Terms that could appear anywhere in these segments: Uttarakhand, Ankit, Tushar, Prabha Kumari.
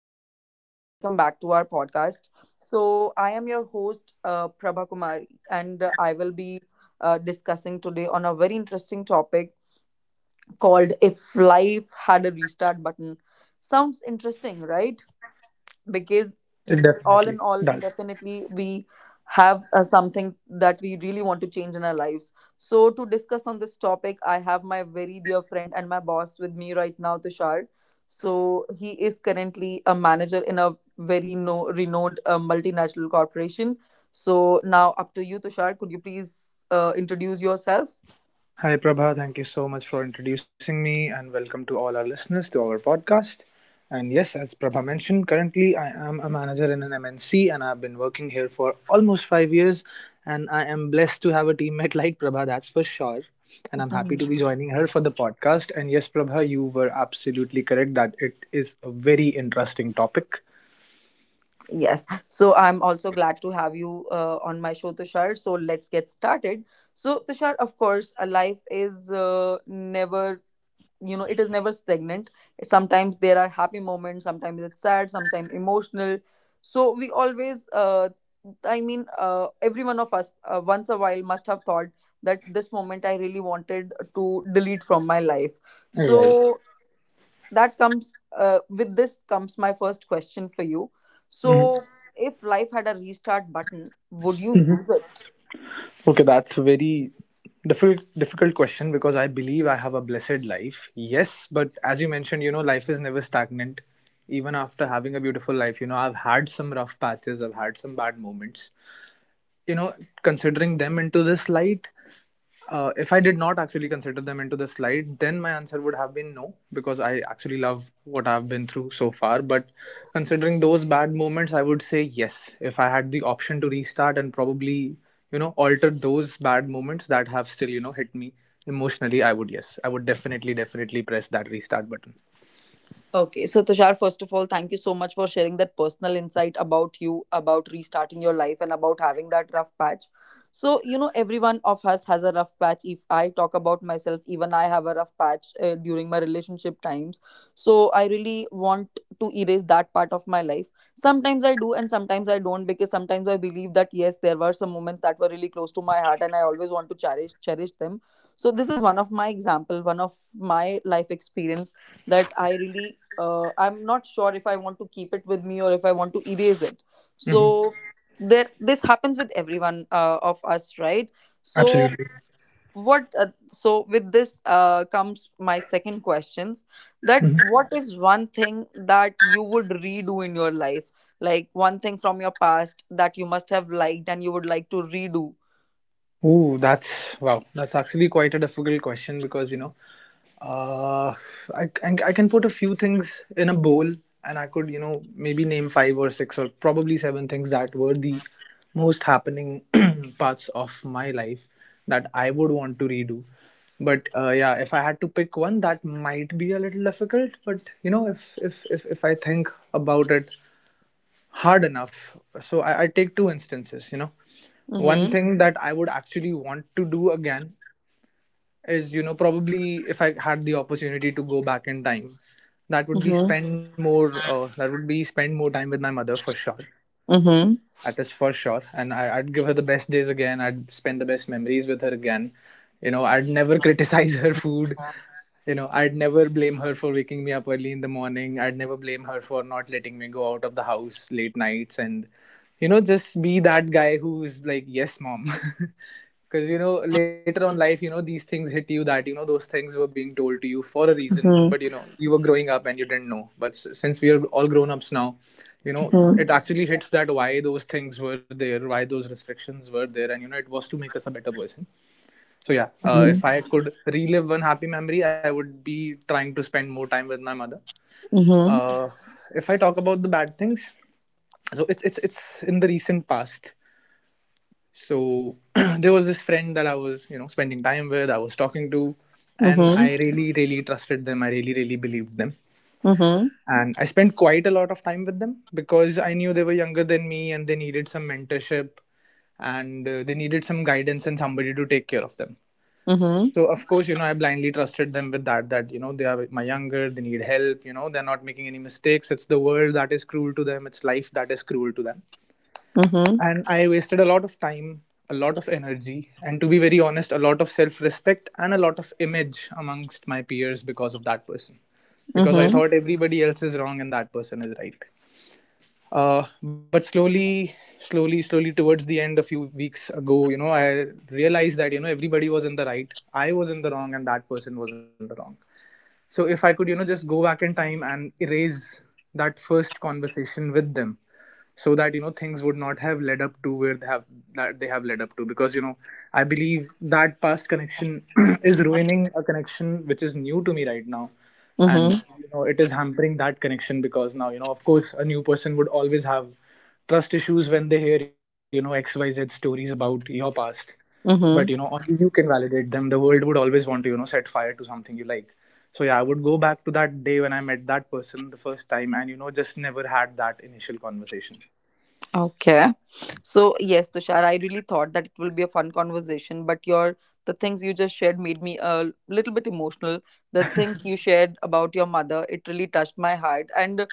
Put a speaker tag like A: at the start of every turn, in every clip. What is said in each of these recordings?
A: hi everyone, welcome back to our podcast. So, I am your host, Prabha Kumari, and I will be discussing today on a very interesting topic called If Life Had a Restart Button. Sounds interesting, right? Because
B: It definitely
A: all in
B: does.
A: all definitely we have something that we really want to change in our lives. So to discuss on this topic, I have my very dear friend and my boss with me right now, Tushar. So he is currently a manager in a very no, renowned multinational corporation. So now up to you, Tushar. Could you please introduce yourself?
B: Hi, Prabha. Thank you so much for introducing me and welcome to all our listeners to our podcast. And yes, as Prabha mentioned, currently I am a manager in an MNC and I've been working here for almost 5 years. And I am blessed to have a teammate like Prabha, that's for sure. And I'm happy to
A: Mhm.
B: be joining her for the podcast. And yes, Prabha, you were absolutely correct that it is a very interesting topic.
A: Yes. So I'm also glad to have you on my show, Tushar. So let's get started. So, Tushar, of course, a life is never, you know, it is never stagnant. Sometimes there are happy moments, sometimes it's sad, sometimes emotional. So we always, every one of us once a while must have thought that this moment I really wanted to delete from my life.
B: Right.
A: So that comes with this comes my first question for you. So if life had a restart button, would you use it?
B: Okay, that's a very difficult question because I believe I have a blessed life. Yes, but as you mentioned, you know, life is never stagnant. Even after having a beautiful life, you know, I've had some rough patches, I've had some bad moments. You know, considering them into this light, if I did not actually consider them into the slide, then my answer would have been no, because I actually love what I've been through so far. But considering those bad moments, I would say yes. If I had the option to restart and probably, you know, alter those bad moments that have still, you know, hit me emotionally, I would, yes. I would definitely, definitely press that restart button.
A: Okay, so Tushar, first of all, thank you so much for sharing that personal insight about you, about restarting your life, and about having that rough patch. So, you know, everyone of us has a rough patch. If I talk about myself, even I have a rough patch during my relationship times. So, I really want to erase that part of my life. Sometimes I do, and sometimes I don't, because sometimes I believe that yes, there were some moments that were really close to my heart, and I always want to cherish them. So, this is one of my example, one of my life experience that I really I'm not sure if I want to keep it with me or if I want to erase it.
B: Hmm.
A: So there, this happens with everyone of us, right? So
B: Absolutely.
A: what? So with this comes my second questions. That
B: Mhm.
A: what is one thing that you would redo in your life? Like one thing from your past that you must have liked and you would like to redo.
B: Ooh, that's wow. That's actually quite a difficult question because you know, uh, I can put a few things in a bowl, and I could, you know, maybe name five or six or probably seven things that were the most happening parts of my life that I would want to redo. But yeah, if I had to pick one, that might be a little difficult. But you know, if I think about it hard enough. So I take two instances, you know. One
A: Mm-hmm.
B: thing that I would actually want to do again is, you know, probably if I had the opportunity to go back in time,
A: Mm-hmm.
B: that would be spend more time with my mother for sure.
A: Mm-hmm.
B: That is for sure. And I'd give her the best days again. I'd spend the best memories with her again. You know, I'd never criticize her food. You know, I'd never blame her for waking me up early in the morning. I'd never blame her for not letting me go out of the house late nights and, you know, just be that guy who's like, yes, mom. Because, you know, later on life, you know, these things hit you that, you know, those things were being told to you for a reason. But, you know, you were growing up and you didn't know. But since we are all grown ups now, you know,
A: Mm-hmm.
B: it actually hits that why those things were there, why those restrictions were there. And, you know, it was to make us a better person. So, yeah,
A: Mm-hmm.
B: if I could relive one happy memory, I would be trying to spend more time with my mother.
A: Mm-hmm.
B: Uh, if I talk about the bad things, so it's in the recent past. So there was this friend that I was, you know, spending time with, I was talking to,
A: Mm-hmm.
B: and
A: Mm-hmm.
B: I really, really trusted them, I really, really believed them.
A: Mm-hmm.
B: And I spent quite a lot of time with them because I knew they were younger than me and they needed some mentorship, and they needed some guidance and somebody to take care of them.
A: Mm-hmm.
B: So of course, you know, I blindly trusted them with that, you know, they are my younger, they need help, you know, they're not making any mistakes, it's the world that is cruel to them, it's life that is cruel to them.
A: Mm-hmm.
B: And I wasted a lot of time, a lot of energy, and to be very honest, a lot of self respect and a lot of image amongst my peers because of that person. Because I
A: Mm-hmm.
B: thought everybody else is wrong and that person is right. But slowly, slowly, slowly, towards the end, a few weeks ago, you know, I realized that, you know, everybody was in the right. I was in the wrong, and that person was in the wrong. So if I could, you know, just go back in time and erase that first conversation with them, so that, you know, things would not have led up to where they have, that they have led up to, because, you know, I believe that past connection is ruining a connection which is new to me right now.
A: Mhm.
B: And you know, it is hampering that connection, because now, you know, of course a new person would always have trust issues when they hear, you know, XYZ stories about your past. But you know,
A: Mhm.
B: only you can validate them. The world would always want to, you know, set fire to something you like. So yeah, I would go back to that day when I met that person the first time and, you know, just never had that initial conversation.
A: Okay. So yes, Tushar, I really thought that it will be a fun conversation, but your the things you just shared made me a little bit emotional. The things you shared about your mother, it really touched my heart. And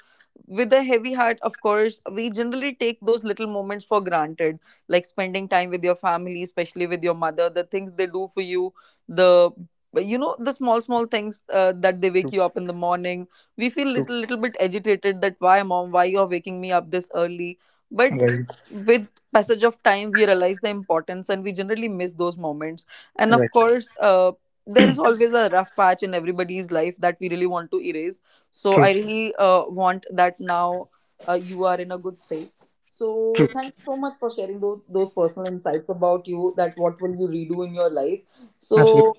A: with a heavy heart, of course, we generally take those little moments for granted, like spending time with your family, especially with your mother, the things they do for you, the you know, the small things that they wake
B: True.
A: you up in the morning. We feel
B: True.
A: little bit agitated that why mom, why you're waking me up this early, but
B: Right.
A: with passage of time we realize the importance and we generally miss those moments. And of
B: Right.
A: course, there is always a rough patch in everybody's life that we really want to erase. So I
B: True.
A: really want that now you are in a good space. So
B: True.
A: thank you so much for sharing those personal insights about you, that what will you redo in your life.
B: Absolutely.
A: So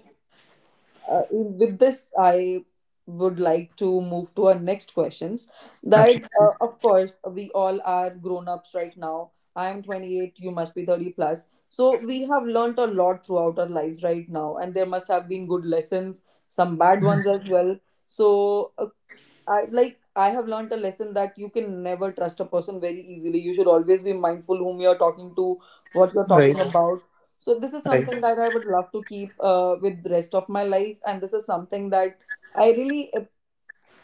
A: uh, with this, I would like to move to our next questions. That,
B: Absolutely.
A: of course, we all are grown ups right now. I am 28, you must be 30 plus. So, we have learnt a lot throughout our lives right now, and there must have been good lessons, some bad ones
B: Mhm.
A: as well. So, I have learned a lesson that you can never trust a person very easily. You should always be mindful whom you're talking to, what you're
B: Right.
A: talking about. So this is
B: Right.
A: something that I would love to keep with the rest of my life, and this is something that I really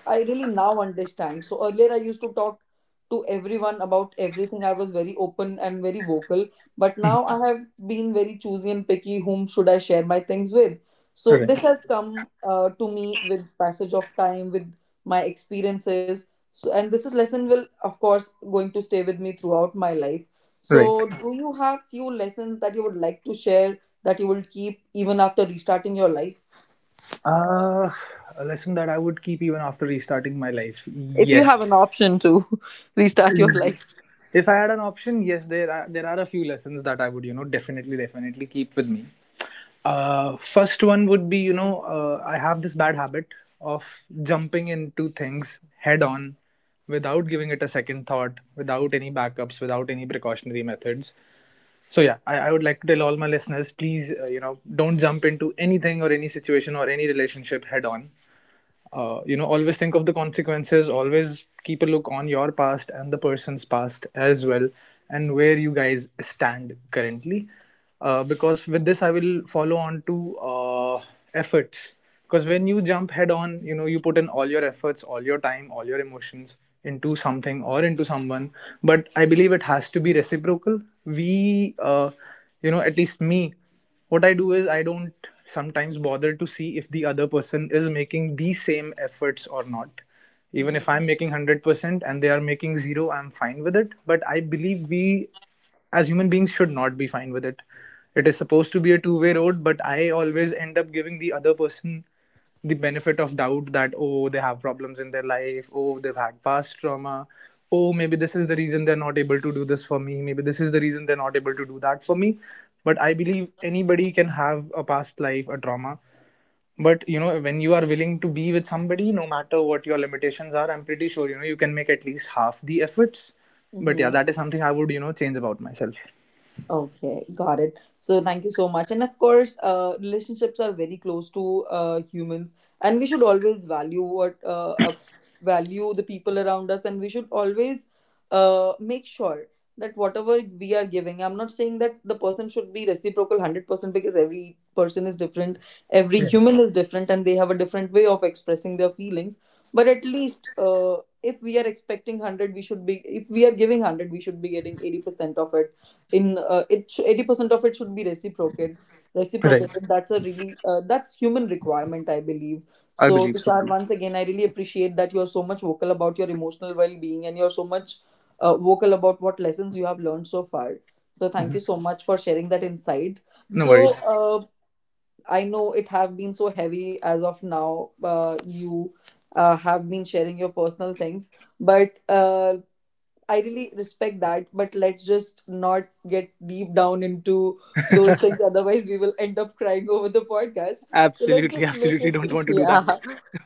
A: I really now understand. So earlier I used to talk to everyone about everything. I was very open and very vocal. But
B: Mhm.
A: now I have been very choosy and picky whom should I share my things with. So this
B: Right.
A: has come to me with passage of time, with my experiences. So and this is lesson will of course going to stay with me throughout my life.
B: Right.
A: So do you have few lessons that you would like to share that you will keep even after restarting your life?
B: uh a lesson that I would keep even after restarting my life.
A: If you
B: Yes.
A: have an option to restart your life.
B: If I had an option, yes, there are a few lessons that I would, you know, definitely, definitely keep with me. First one would be, you know, I have this bad habit of jumping into things head on without giving it a second thought, without any backups, without any precautionary methods. So yeah, I would like to tell all my listeners, please, you know, don't jump into anything or any situation or any relationship head on. You know, always think of the consequences, always keep a look on your past and the person's past as well, and where you guys stand currently. Because with this I will follow on to efforts. Because when you jump head on, you know, you put in all your efforts, all your time, all your emotions into something or into someone. But I believe it has to be reciprocal. We You know, at least me, what I do is I don't sometimes bother to see if the other person is making the same efforts or not. Even if
A: Mhm.
B: I'm making 100% and they are making zero, I'm fine with it. But I believe we as human beings should not be fine with it. It is supposed to be a two-way road, but I always end up giving the other person the benefit of doubt that, oh, they have problems in their life, oh, they've had past trauma, oh, maybe this is the reason they're not able to do this for me, maybe this is the reason they're not able to do that for me. But I believe anybody can have a past life, a trauma. But you know, when you are willing to be with somebody, no matter what your limitations are, I'm pretty sure, you know, you can make at least half the efforts. But yeah,
A: Mhm.
B: that is something I would, you know, change about myself.
A: Okay, got it. So thank you so much. And of course, relationships are very close to humans, and we should always value what value the people around us, and we should always make sure that whatever we are giving, I'm not saying that the person should be reciprocal 100% because every person is different, every
B: Right.
A: human is different, and they have a different way of expressing their feelings. But at least if we are expecting 100, we should be if we are giving 100, we should be getting 80% of it in 80% of it should be reciprocated
B: Right.
A: reciprocated that's a really that's human requirement I believe.
B: I
A: So
B: believe so too.
A: Tushar, once again I really appreciate that you're so much vocal about your emotional well-being, and you're so much vocal about what lessons you have learned so far. So thank
B: Mhm.
A: you so much for sharing that insight.
B: No
A: So
B: worries.
A: I know it have been so heavy as of now, you have been sharing your personal things, but I really respect that, but let's just not get deep down into those things. Otherwise, we will end up crying over the podcast. So
B: Absolutely,
A: let's just
B: absolutely,
A: make
B: don't want to
A: it,
B: do that.
A: yeah.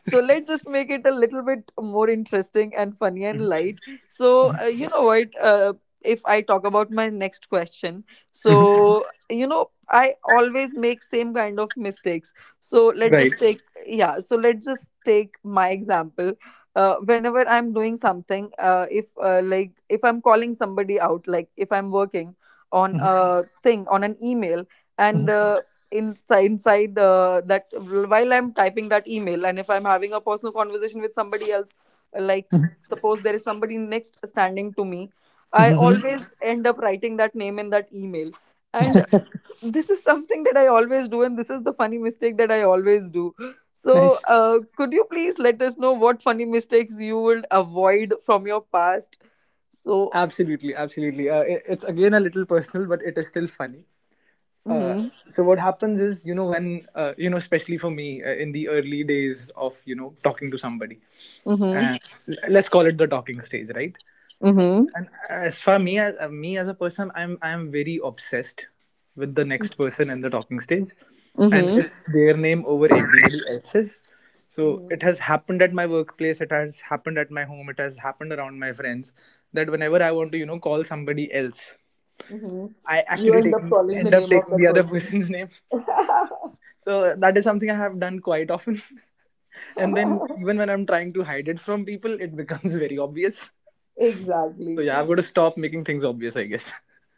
A: So let's just make it a little bit more interesting and funny and
B: Mm-hmm.
A: light. So
B: Mhm.
A: you know what? If I talk about my next question,
B: Mhm.
A: so you know, I always make same kind of mistakes. So let's
B: Right.
A: just take, yeah. So let's just take my example. Whenever I'm doing something, if like if I'm calling somebody out, like if I'm working on
B: Mhm.
A: a thing, on an email,
B: Mhm.
A: and inside inside that while I'm typing that email, and if I'm having a personal conversation with somebody else, like suppose there is somebody next standing to me, I
B: Mhm.
A: always end up writing that name in that email. And this is something that I always do, and this is the funny mistake that I always do. So,
B: Nice.
A: could you please let us know what funny mistakes you will avoid from your past? So,
B: Absolutely, absolutely. It's again a little personal, but it is still funny. Uh,
A: mm-hmm,
B: so what happens is, you know, when you know, especially for me, in the early days of, you know, talking to somebody,
A: mm-hmm,
B: and let's call it the talking stage, right?
A: mm-hmm,
B: And as for me as a person, I'm very obsessed with the next person in the talking stage, and
A: mm-hmm,
B: it's their name over everybody else's. So
A: mm-hmm.
B: it has happened at my workplace. It has happened at my home. It has happened around my friends. That whenever I want to, you know, call somebody else,
A: Mm-hmm.
B: I
A: You
B: actually
A: end up
B: taking
A: calling the
B: end up
A: name of
B: taking
A: that
B: the other
A: person.
B: person's name. So that is something I have done quite often. And then even when I'm trying to hide it from people, it becomes very obvious. So
A: Exactly.
B: yeah, I've got to stop making things obvious, I guess.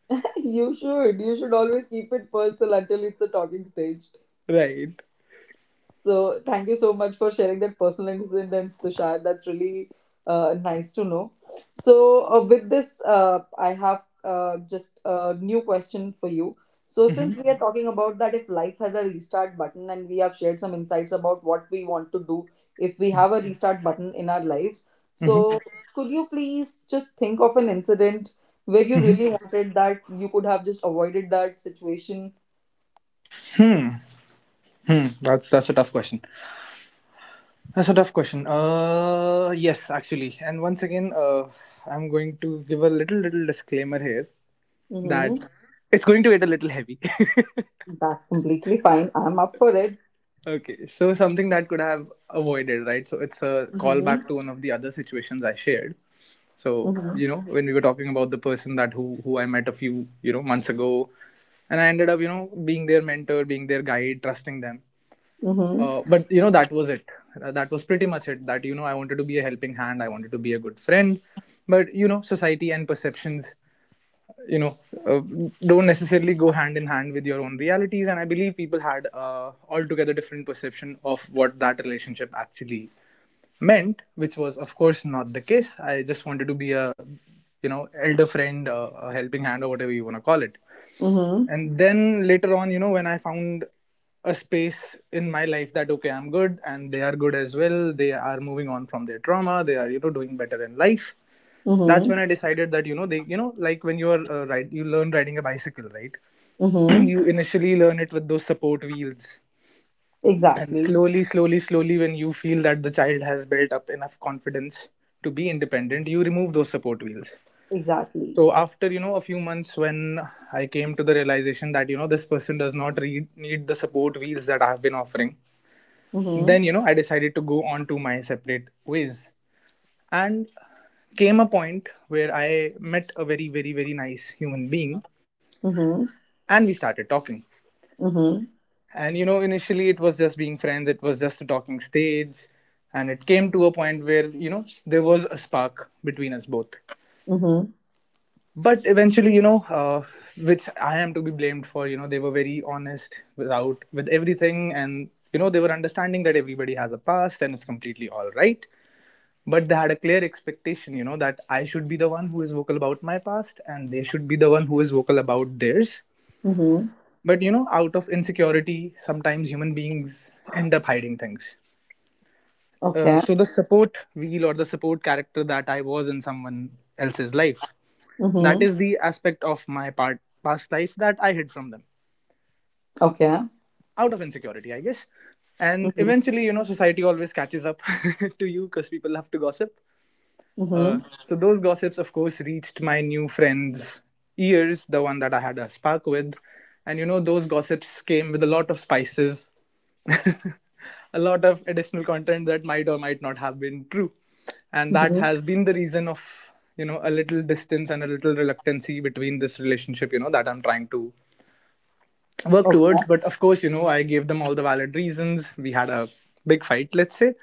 A: You should. You should always keep it personal until it's a talking stage.
B: Right.
A: So thank you so much for sharing that personal incidents, Tushar. That's really nice to know. So with this, I have just a new question for you. So
B: Hmm.
A: since we are talking about that, if life has a restart button, and we have shared some insights about what we want to do if we have a restart button in our lives,
B: Hmm.
A: so could you please just think of an incident where you
B: Hmm.
A: really wanted that you could have just avoided that situation?
B: Hmm. Hmm. That's a tough question. That's a tough question. Yes, actually, and once again, I'm going to give a little disclaimer here that
A: Mm-hmm.
B: it's going to get a little heavy.
A: That's completely fine. I'm up for it.
B: Okay, so something that could have avoided, right? So it's a callback
A: Mhm.
B: to one of the other situations I shared. So
A: Mhm.
B: you know, when we were talking about the person that who I met a few months ago, and I ended up being their mentor, being their guide, trusting them
A: Mhm.
B: uh, But that was it. That was pretty much it, that I wanted to be a helping hand, I wanted to be a good friend. But society and perceptions you know uh, don't necessarily go hand in hand with your own realities, and I believe people had, altogether different perception of what that relationship actually meant, which was of course not the case. I just wanted to be a, you know elder friend, a helping hand, or whatever you want to call it.
A: Mhm.
B: And then later on, when I found a space in my life that okay, I'm good and they are good as well, they are moving on from their trauma, they are doing better in life. That's
A: Mhm.
B: when I decided that, they, like when you are ride you learn riding a bicycle, right?
A: Mhm.
B: You initially learn it with those support wheels, and
A: Exactly.
B: slowly, slowly, slowly, when you feel that the child has built up enough confidence to be independent, you remove those support wheels. So
A: Exactly.
B: after a few months, when I came to the realization that this person does not need the support wheels that I have been offering, then
A: Mhm.
B: I decided to go on to my separate ways, and came a point where I met a very, very, very nice human being.
A: Mhm.
B: And we started talking,
A: Mhm.
B: and initially it was just being friends, it was just a talking stage. And it came to a point where there was a spark between us both.
A: Mhm.
B: But eventually, which I am to be blamed for, they were very honest without with everything, and they were understanding that everybody has a past and it's completely all right. But they had a clear expectation, that I should be the one who is vocal about my past and they should be the one who is vocal about theirs.
A: Mhm.
B: But out of insecurity, sometimes human beings end up hiding things. uh,
A: Okay.
B: so the support wheel or the support character that I was in someone else's life, that
A: Mhm.
B: is the aspect of my past life that I hid from them,
A: Okay.
B: out of insecurity, I guess. And
A: Mhm.
B: eventually, society always catches up to you, because people love to gossip. Uh,
A: Mhm.
B: so those gossips, of course, reached my new friend's ears, the one that I had a spark with, and those gossips came with a lot of spices, a lot of additional content that might or might not have been true, and that
A: Mhm.
B: has been the reason of a little distance and a little reluctancy between this relationship, that I'm trying to work towards.
A: Okay.
B: But of course, I gave them all the valid reasons. We had a big fight, let's say.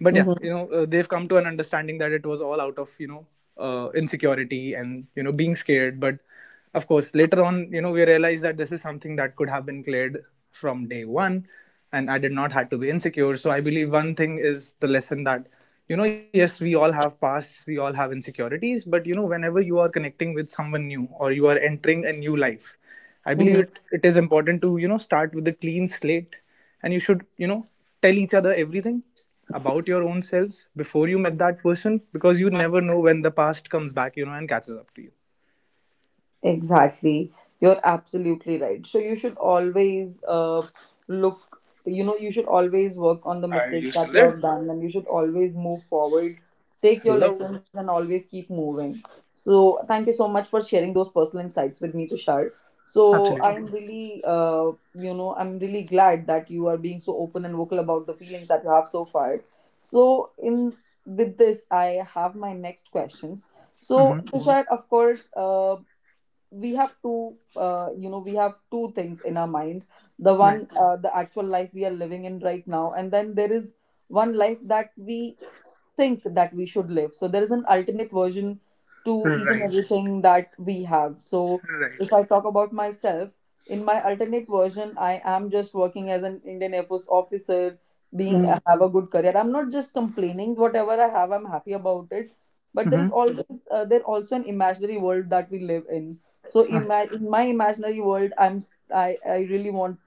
B: But yeah,
A: Mhm.
B: they've come to an understanding that it was all out of, insecurity and, being scared. But of course, later on, we realized that this is something that could have been cleared from day one. And I did not have to be insecure. So I believe one thing is the lesson that, yes, we all have pasts, we all have insecurities. But whenever you are connecting with someone new or you are entering a new life, I believe
A: Mhm.
B: it is important to, start with a clean slate, and you should, tell each other everything about your own selves before you met that person, because you never know when the past comes back, and catches up to you.
A: Exactly. You're absolutely right. So you should always look, you know, you should always work on the mistakes
B: Are
A: that
B: you
A: you
B: still
A: have done
B: there?
A: and you should always move forward. Take your lessons
B: Hello.
A: and always keep moving. So thank you so much for sharing those personal insights with me, Tushar. So I'm
B: Absolutely.
A: really, you know, I'm really glad that you are being so open and vocal about the feelings that you have so far. So in with this, I have my next questions. So,
B: Mm-hmm.
A: Tushar, of course, we have two you know, we have two things in our mind: the one,
B: Right.
A: the actual life we are living in right now, and then there is one life that we think that we should live. So there is an alternate version to each and
B: Right.
A: everything that we have. So if
B: Right.
A: I talk about myself, in my alternate version, I am just working as an Indian Air Force officer, being
B: Mm-hmm.
A: have a good career. I'm not just complaining. Whatever I have, I'm happy about it. But there is always there also an imaginary world that we live in. So in my,
B: Uh-huh.
A: in my imaginary world, I really want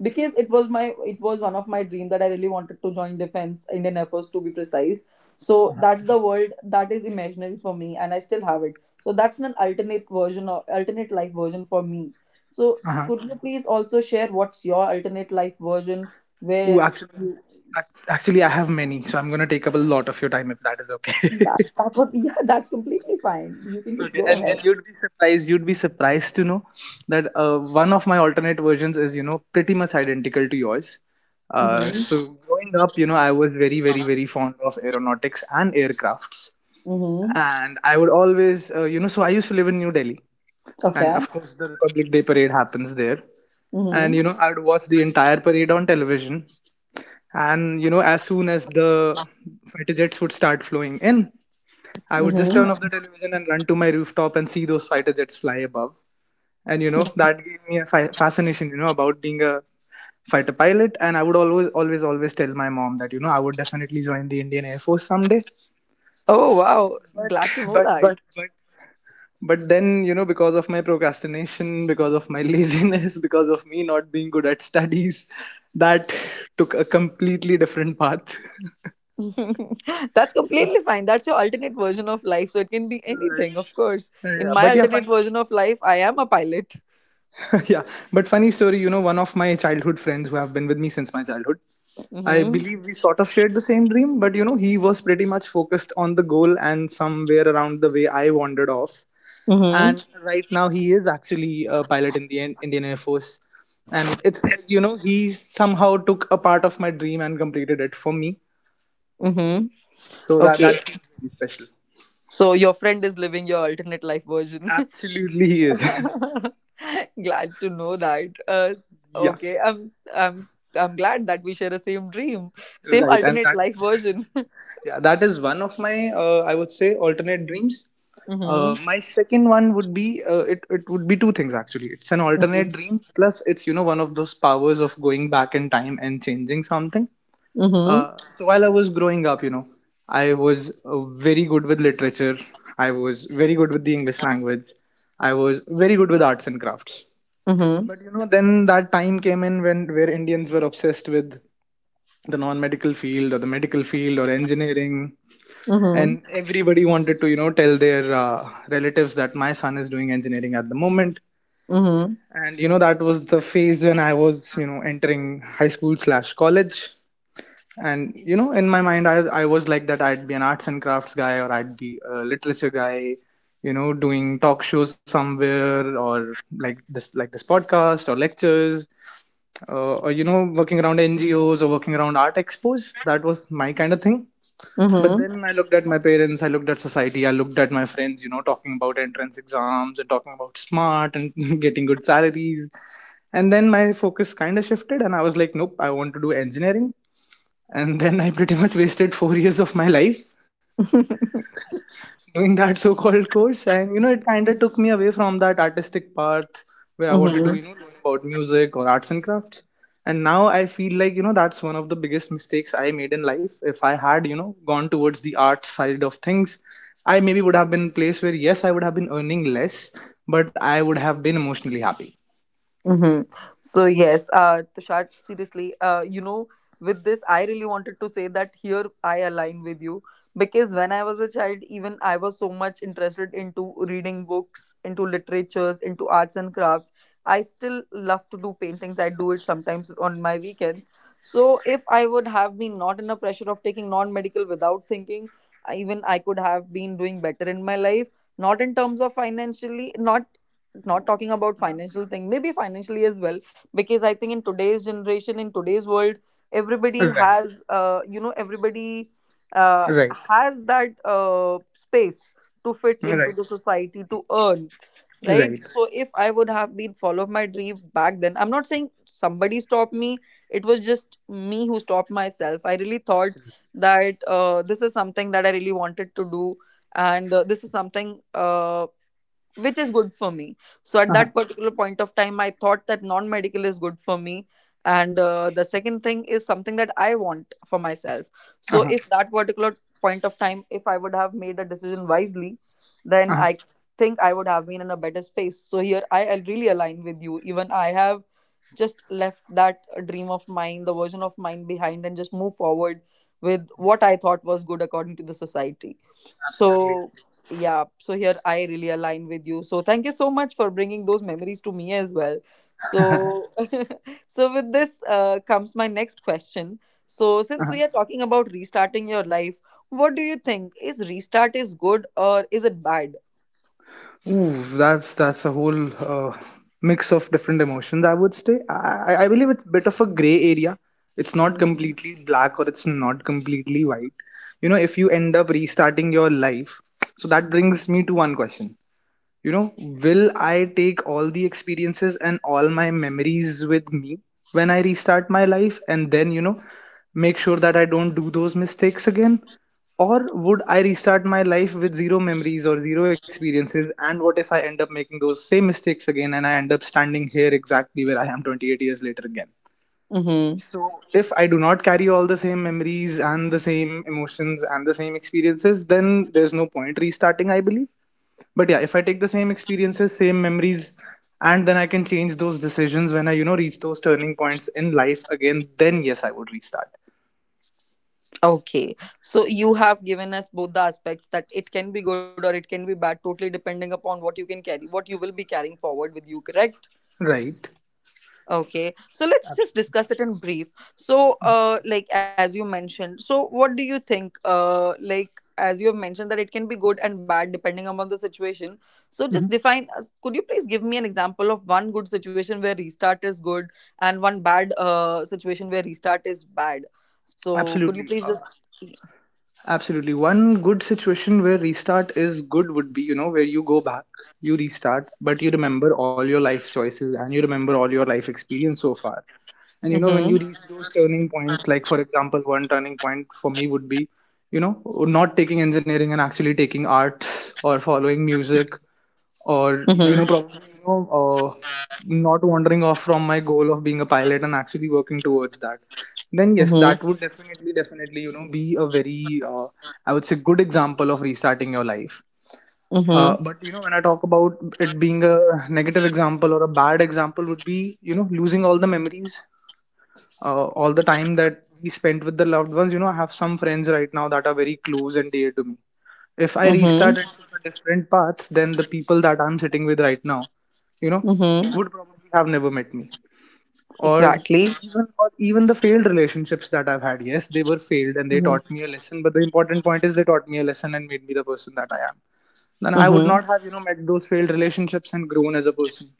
A: because it was one of my dream that I really wanted to join defense Indian Air Force to be precise. So that's the world that is imaginary for me, and I still have it. So that's an alternate version or alternate life version for me. So
B: Uh-huh.
A: could you please also share what's your alternate life version?
B: Ooh,
A: where
B: actually,
A: you
B: actually, I have many, so I'm gonna take up a lot of your time if that is okay.
A: that, that's what. Yeah, that's completely fine, you can just
B: Okay.
A: go
B: And
A: ahead.
B: you'd be surprised. You'd be surprised to know that, one of my alternate versions is pretty much identical to yours. Uh,
A: Mm-hmm.
B: so growing up, I was very, very, very fond of aeronautics and aircrafts,
A: Mm-hmm.
B: and I would always, you know, so I used to live in New Delhi, and
A: Okay.
B: of course the Republic Day parade happens there, and
A: Mm-hmm.
B: I would watch the entire parade on television. And as soon as the fighter jets would start flowing in, I would just turn
A: Mm-hmm.
B: off the television and run to my rooftop and see those fighter jets fly above. And that gave me a fascination, about being a fighter pilot. And I would always, always, always tell my mom that, I would definitely join the Indian Air Force someday.
A: Oh, wow,
B: but
A: glad to know
B: but
A: that.
B: but but but then, because of my procrastination, because of my laziness, because of me not being good at studies, that took a completely different path.
A: That's completely fine. That's your alternate version of life. So it can be
B: Right.
A: anything, of course. In
B: Yeah,
A: my
B: but yeah,
A: alternate
B: funny.
A: version of life, I am a pilot.
B: Yeah, but funny story, one of my childhood friends who have been with me since my childhood, I
A: Mm-hmm.
B: believe we sort of shared the same dream, but he was pretty much focused on the goal, and somewhere around the way I wandered off.
A: Mm-hmm.
B: And right now he is actually a pilot in the Indian Air Force. And it's like, he somehow took a part of my dream and completed it for me.
A: Mm-hmm.
B: So that
A: Okay.
B: that feels very special.
A: So your friend is living your alternate life version.
B: Absolutely, he is.
A: Glad to know that. Uh,
B: Yeah,
A: okay. I'm glad that we share the same dream, same
B: right. And
A: alternate
B: that
A: life
B: was
A: version.
B: yeah, that is one of my, I would say, alternate dreams.
A: Mm-hmm.
B: My second one would be, it would be two things actually. It's an alternate dream plus it's one of those powers of going back in time and changing something.
A: Mm-hmm.
B: So while I was growing up, I was very good with literature. I was very good with the English language. I was very good with arts and crafts. But then that time came in when where Indians were obsessed with the non-medical field or the medical field or engineering,
A: Mm-hmm.
B: and everybody wanted to tell their, relatives that my son is doing engineering at the moment.
A: Mm-hmm.
B: And that was the phase when I was entering high school/college, and in my mind, I was like that I'd be an arts and crafts guy or I'd be a literature guy, doing talk shows somewhere, or like this podcast or lectures, or working around NGOs or working around art expos. That was my kind of thing. But then
A: Mm-hmm.
B: I looked at my parents, I looked at society, I looked at my friends, talking about entrance exams and talking about smart and getting good salaries. And then my focus kind of shifted and I was like, nope, I want to do engineering. And then I pretty much wasted 4 years of my life doing that so called course, and it kind of took me away from that artistic path, where I wanted to
A: Mm-hmm.
B: learn about music or arts and crafts. And now I feel like, that's one of the biggest mistakes I made in life. If I had, gone towards the art side of things, I maybe would have been in a place where yes, I would have been earning less, but I would have been emotionally happy.
A: Mm-hmm. So yes, Tushar, seriously, with this, I really wanted to say that here I align with you, because when I was a child, even I was so much interested into reading books, into literatures, into arts and crafts. I still love to do paintings. I do it sometimes on my weekends. So if I would have been not in a pressure of taking non-medical without thinking, even I could have been doing better in my life. Not in terms of financially, not talking about financial thing, maybe financially as well, because I think in today's generation, in today's world, everybody
B: Right,
A: has you know everybody
B: right.
A: has that, space to fit
B: Hmm.
A: into
B: Right,
A: the society to earn. Right,
B: right.
A: so if I would have been follow my dream back then, I'm not saying somebody stopped me. It was just me who stopped myself. I really thought
B: Absolutely.
A: that, this is something that I really wanted to do, and, this is something, which is good for me. So at that
B: Uh-huh.
A: particular point of time, I thought that non medical is good for me. And, the second thing is something that I want for myself. So
B: Uh-huh.
A: if that particular point of time, if I would have made a decision wisely, then I
B: Uh-huh.
A: think I would have been in a better space. So here I really align with you. Even I have just left that dream of mine, the version of mine behind, and just move forward with what I thought was good according to the society. So,
B: Absolutely.
A: yeah, so here I really align with you. So thank you so much for bringing those memories to me as well. So, so with this, comes my next question. So since we are talking about restarting your life, what do you think? Is restart is good or is it bad?
B: Ooh, that's a whole, mix of different emotions. I would say, I believe it's a bit of a gray area. It's not
A: Mhm.
B: completely black or it's not completely white. If you end up restarting your life, so that brings me to one question: you know will I take all the experiences and all my memories with me when I restart my life, and then make sure that I don't do those mistakes again? Or would I restart my life with zero memories or zero experiences? And what if I end up making those same mistakes again, and I end up standing here exactly where I am 28 years later again?
A: Mm-hmm.
B: So, if I do not carry all the same memories and the same emotions and the same experiences, then there's no point restarting, I believe. But yeah, if I take the same experiences, same memories, and then I can change those decisions when I, reach those turning points in life again, then yes, I would restart.
A: Okay. So you have given us both the aspects that it can be good or it can be bad, totally depending upon what you can carry, what you will be carrying forward with you, correct?
B: Right.
A: Okay, so let's just
B: Absolutely.
A: discuss it in brief. So, like as you mentioned, so what do you think? Like as you have mentioned that it can be good and bad depending upon the situation. So, just define. Could you please give me an example of one good situation where restart is good and one bad situation where restart is bad? So, could you
B: Absolutely.
A: please just?
B: Absolutely. One good situation where restart is good would be, where you go back, you restart, but you remember all your life choices and you remember all your life experience so far. And you know, when you
A: Mm-hmm.
B: reach those turning points, like for example, one turning point for me would be, you know, not taking engineering and actually taking art or following music or, you know,
A: Mm-hmm.
B: probably, you know, uh, not wandering off from my goal of being a pilot and actually working towards that. Then yes,
A: Mm-hmm.
B: that would definitely you know, be a very, I would say, good example of restarting your life.
A: Mm-hmm.
B: But you know, when I talk about it being a negative example or a bad example, would be, you know, losing all the memories, all the time that we spent with the loved ones. You know, I have some friends right now that are very close and dear to me. If I
A: Mm-hmm.
B: restart and took a different path, then the people that I'm sitting with right now, you know,
A: Mm-hmm.
B: would probably have never met me, or
A: Exactly.
B: even the failed relationships that I've had. Yes, they were failed and they
A: Mm-hmm.
B: taught me a lesson, but the important point is they taught me a lesson and made me the person that I am. Then I would
A: Mm-hmm.
B: not have, you know, met those failed relationships and grown as a person.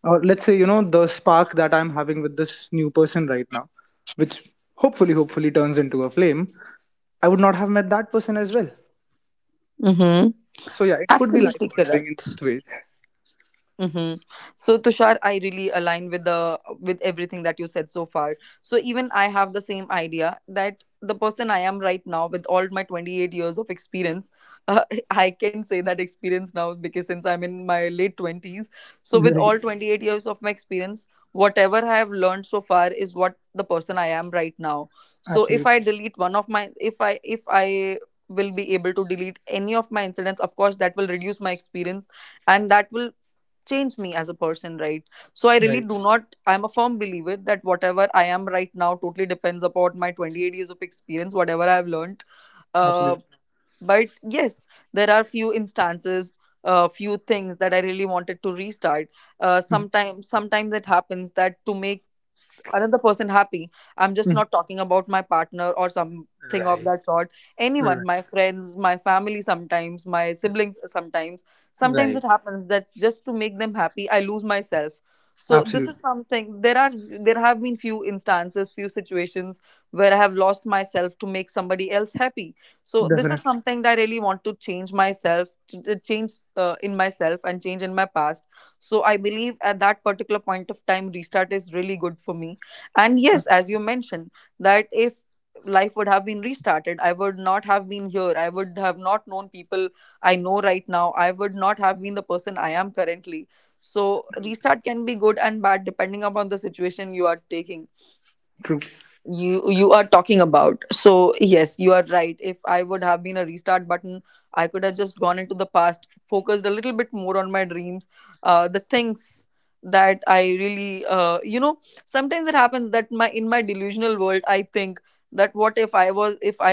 B: Or let's say, you know, the spark that I'm having with this new person right now, which hopefully turns into a flame, I would not have met that person as well.
A: Mm-hmm.
B: So yeah, it could be life
A: Absolutely
B: altering in
A: correct.
B: both ways.
A: Mhm. So Tushar, I really align with everything that you said so far. So even I have the same idea that the person I am right now, with all my 28 years of experience, uh, I can say that experience now, because since I'm in my late 20s, so with
B: Right.
A: all 28 years of my experience, whatever I have learned so far is what the person I am right now. So if I
B: Absolutely.
A: delete one of my, if I will be able to delete any of my incidents, of course that will reduce my experience, and that will changed me as a person, right? So I really
B: Right.
A: do not. I'm a firm believer that whatever I am right now totally depends upon my 28 years of experience, whatever I've learned. uh,
B: Absolutely.
A: but yes, there are few instances, few things that I really wanted to restart. Sometimes it happens that to make another person happy, I'm just
B: Mhm.
A: not talking about my partner or something of
B: Right.
A: that sort. Anyone,
B: Right.
A: my friends, my family, sometimes my siblings, Sometimes it
B: Right.
A: happens that just to make them happy, I lose myself. So this is
B: Absolutely.
A: something. There have been few instances, few situations where I have lost myself to make somebody else happy. So this is
B: Definitely.
A: something that I really want to change, myself to change, in myself and change in my past. So I believe at that particular point of time, restart is really good for me. And
B: Uh,
A: yes, as you mentioned, that if life would have been restarted, I would not have been here. I would have not known people I know right now. I would not have been the person I am currently. So restart can be good and bad depending upon the situation you are taking
B: True.
A: you you are talking about. So yes, you are right. If I would have been a restart button, I could have just gone into the past, focused a little bit more on my dreams, the things that I really, sometimes it happens that my in my delusional world I think that what if I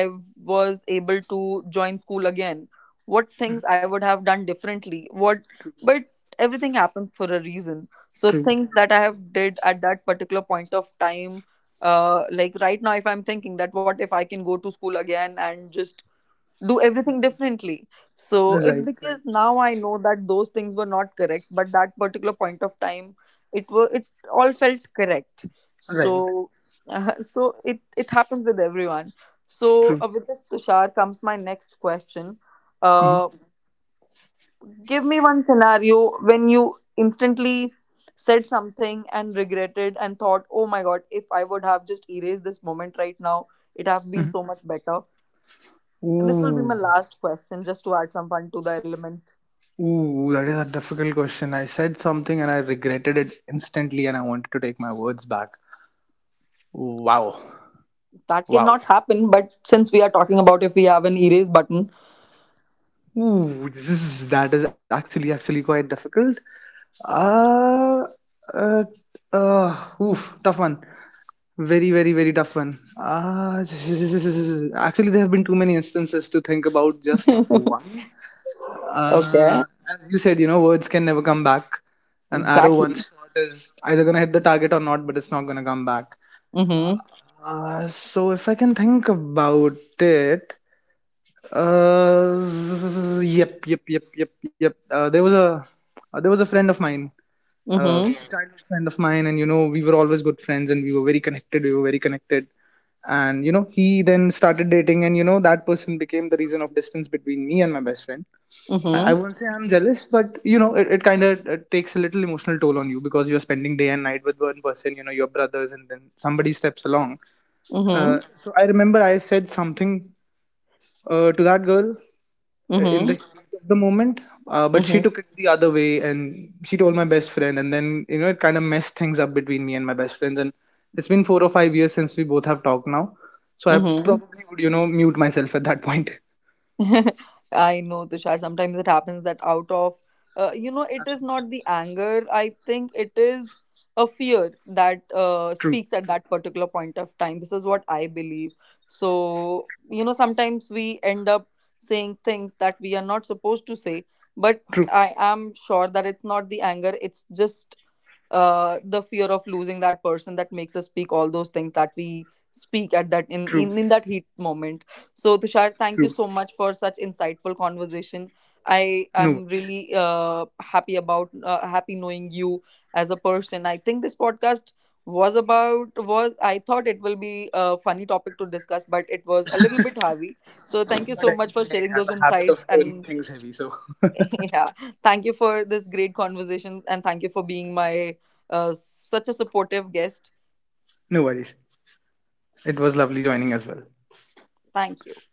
A: was able to join school again, what things I would have done differently, what
B: True.
A: but everything happens for a reason. So
B: True.
A: things
B: True.
A: that I have did at that particular point of time, like right now if I'm thinking that what if I can go to school again and just do everything
B: Right.
A: differently, so it's
B: Right. Right.
A: because now I know that those things were not correct. But that particular point of time, it all felt correct.
B: Right.
A: So so it happens with everyone. So,
B: True.
A: with this Tushar comes my next question.
B: Mm-hmm.
A: uh, Give me one scenario when you instantly said something and regretted and thought, oh my god, if I would have just erased this moment right now, it have been
B: Mm-hmm.
A: so much better. And this will be my
B: Ooh.
A: last question, just to add some fun to the element.
B: Ooh, that is a difficult question. I said something and I regretted it instantly, and I wanted to take my words back. Wow,
A: That
B: wow.
A: cannot happen, but since we are talking about if we have an erase button.
B: Ooh, this is that is actually actually quite difficult. Uh, uh, oof, tough one. Very, very, very tough one. Ah, actually, there have been too many instances to think about just one.
A: Okay,
B: Uh, as you said, you know, words can never come back. An arrow
A: exactly.
B: once shot is either gonna hit the target or not, but it's not gonna come back.
A: Mm-hmm.
B: So if I can think about it, uh, yep, yep, yep, yep, yep. There was a friend of mine,
A: Mm-hmm.
B: a childhood friend of mine, and you know, we were always good friends, and we were very connected, and you know, he then started dating, and you know, that person became the reason of distance between me and my best friend. I
A: Mm-hmm.
B: won't say I'm jealous, but you know, it kind of takes a little emotional toll on you because you're spending day and night with one person, you know, your brothers, and then somebody steps along.
A: Mm-hmm.
B: So I remember I said something, to that girl, in
A: Mm-hmm.
B: the heat of the moment, but she took it the other way and she told my best friend, and then you know, it kind of messed things up between me and my best friends. And it's been 4 or 5 years since we both have talked now, so I
A: Mm-hmm.
B: probably would, you know, mute myself at that point.
A: I know, Tushar. Sometimes it happens that out of, it is not the anger. I think it is a fear that, speaks at that particular point of time. This is what I believe. So, sometimes we end up saying things that we are not supposed to say, but
B: True, true,
A: I am sure that it's not the anger, it's just, the fear of losing that person that makes us speak all those things that we speak
B: true,
A: at that in that heat moment. So Tushar,
B: true.
A: thank you so much for such insightful conversation. I
B: No.
A: am really happy knowing you as a person. I think this podcast was about was I thought it will be a funny topic to discuss, but it was a little bit heavy. So thank you
B: But
A: so
B: I
A: much
B: guess
A: for
B: I
A: sharing
B: have
A: those
B: a habit of
A: insights
B: turning
A: and
B: things heavy, so.
A: yeah, thank you for this great conversation, and thank you for being my, such a supportive guest.
B: No worries. It was lovely joining as well.
A: Thank you.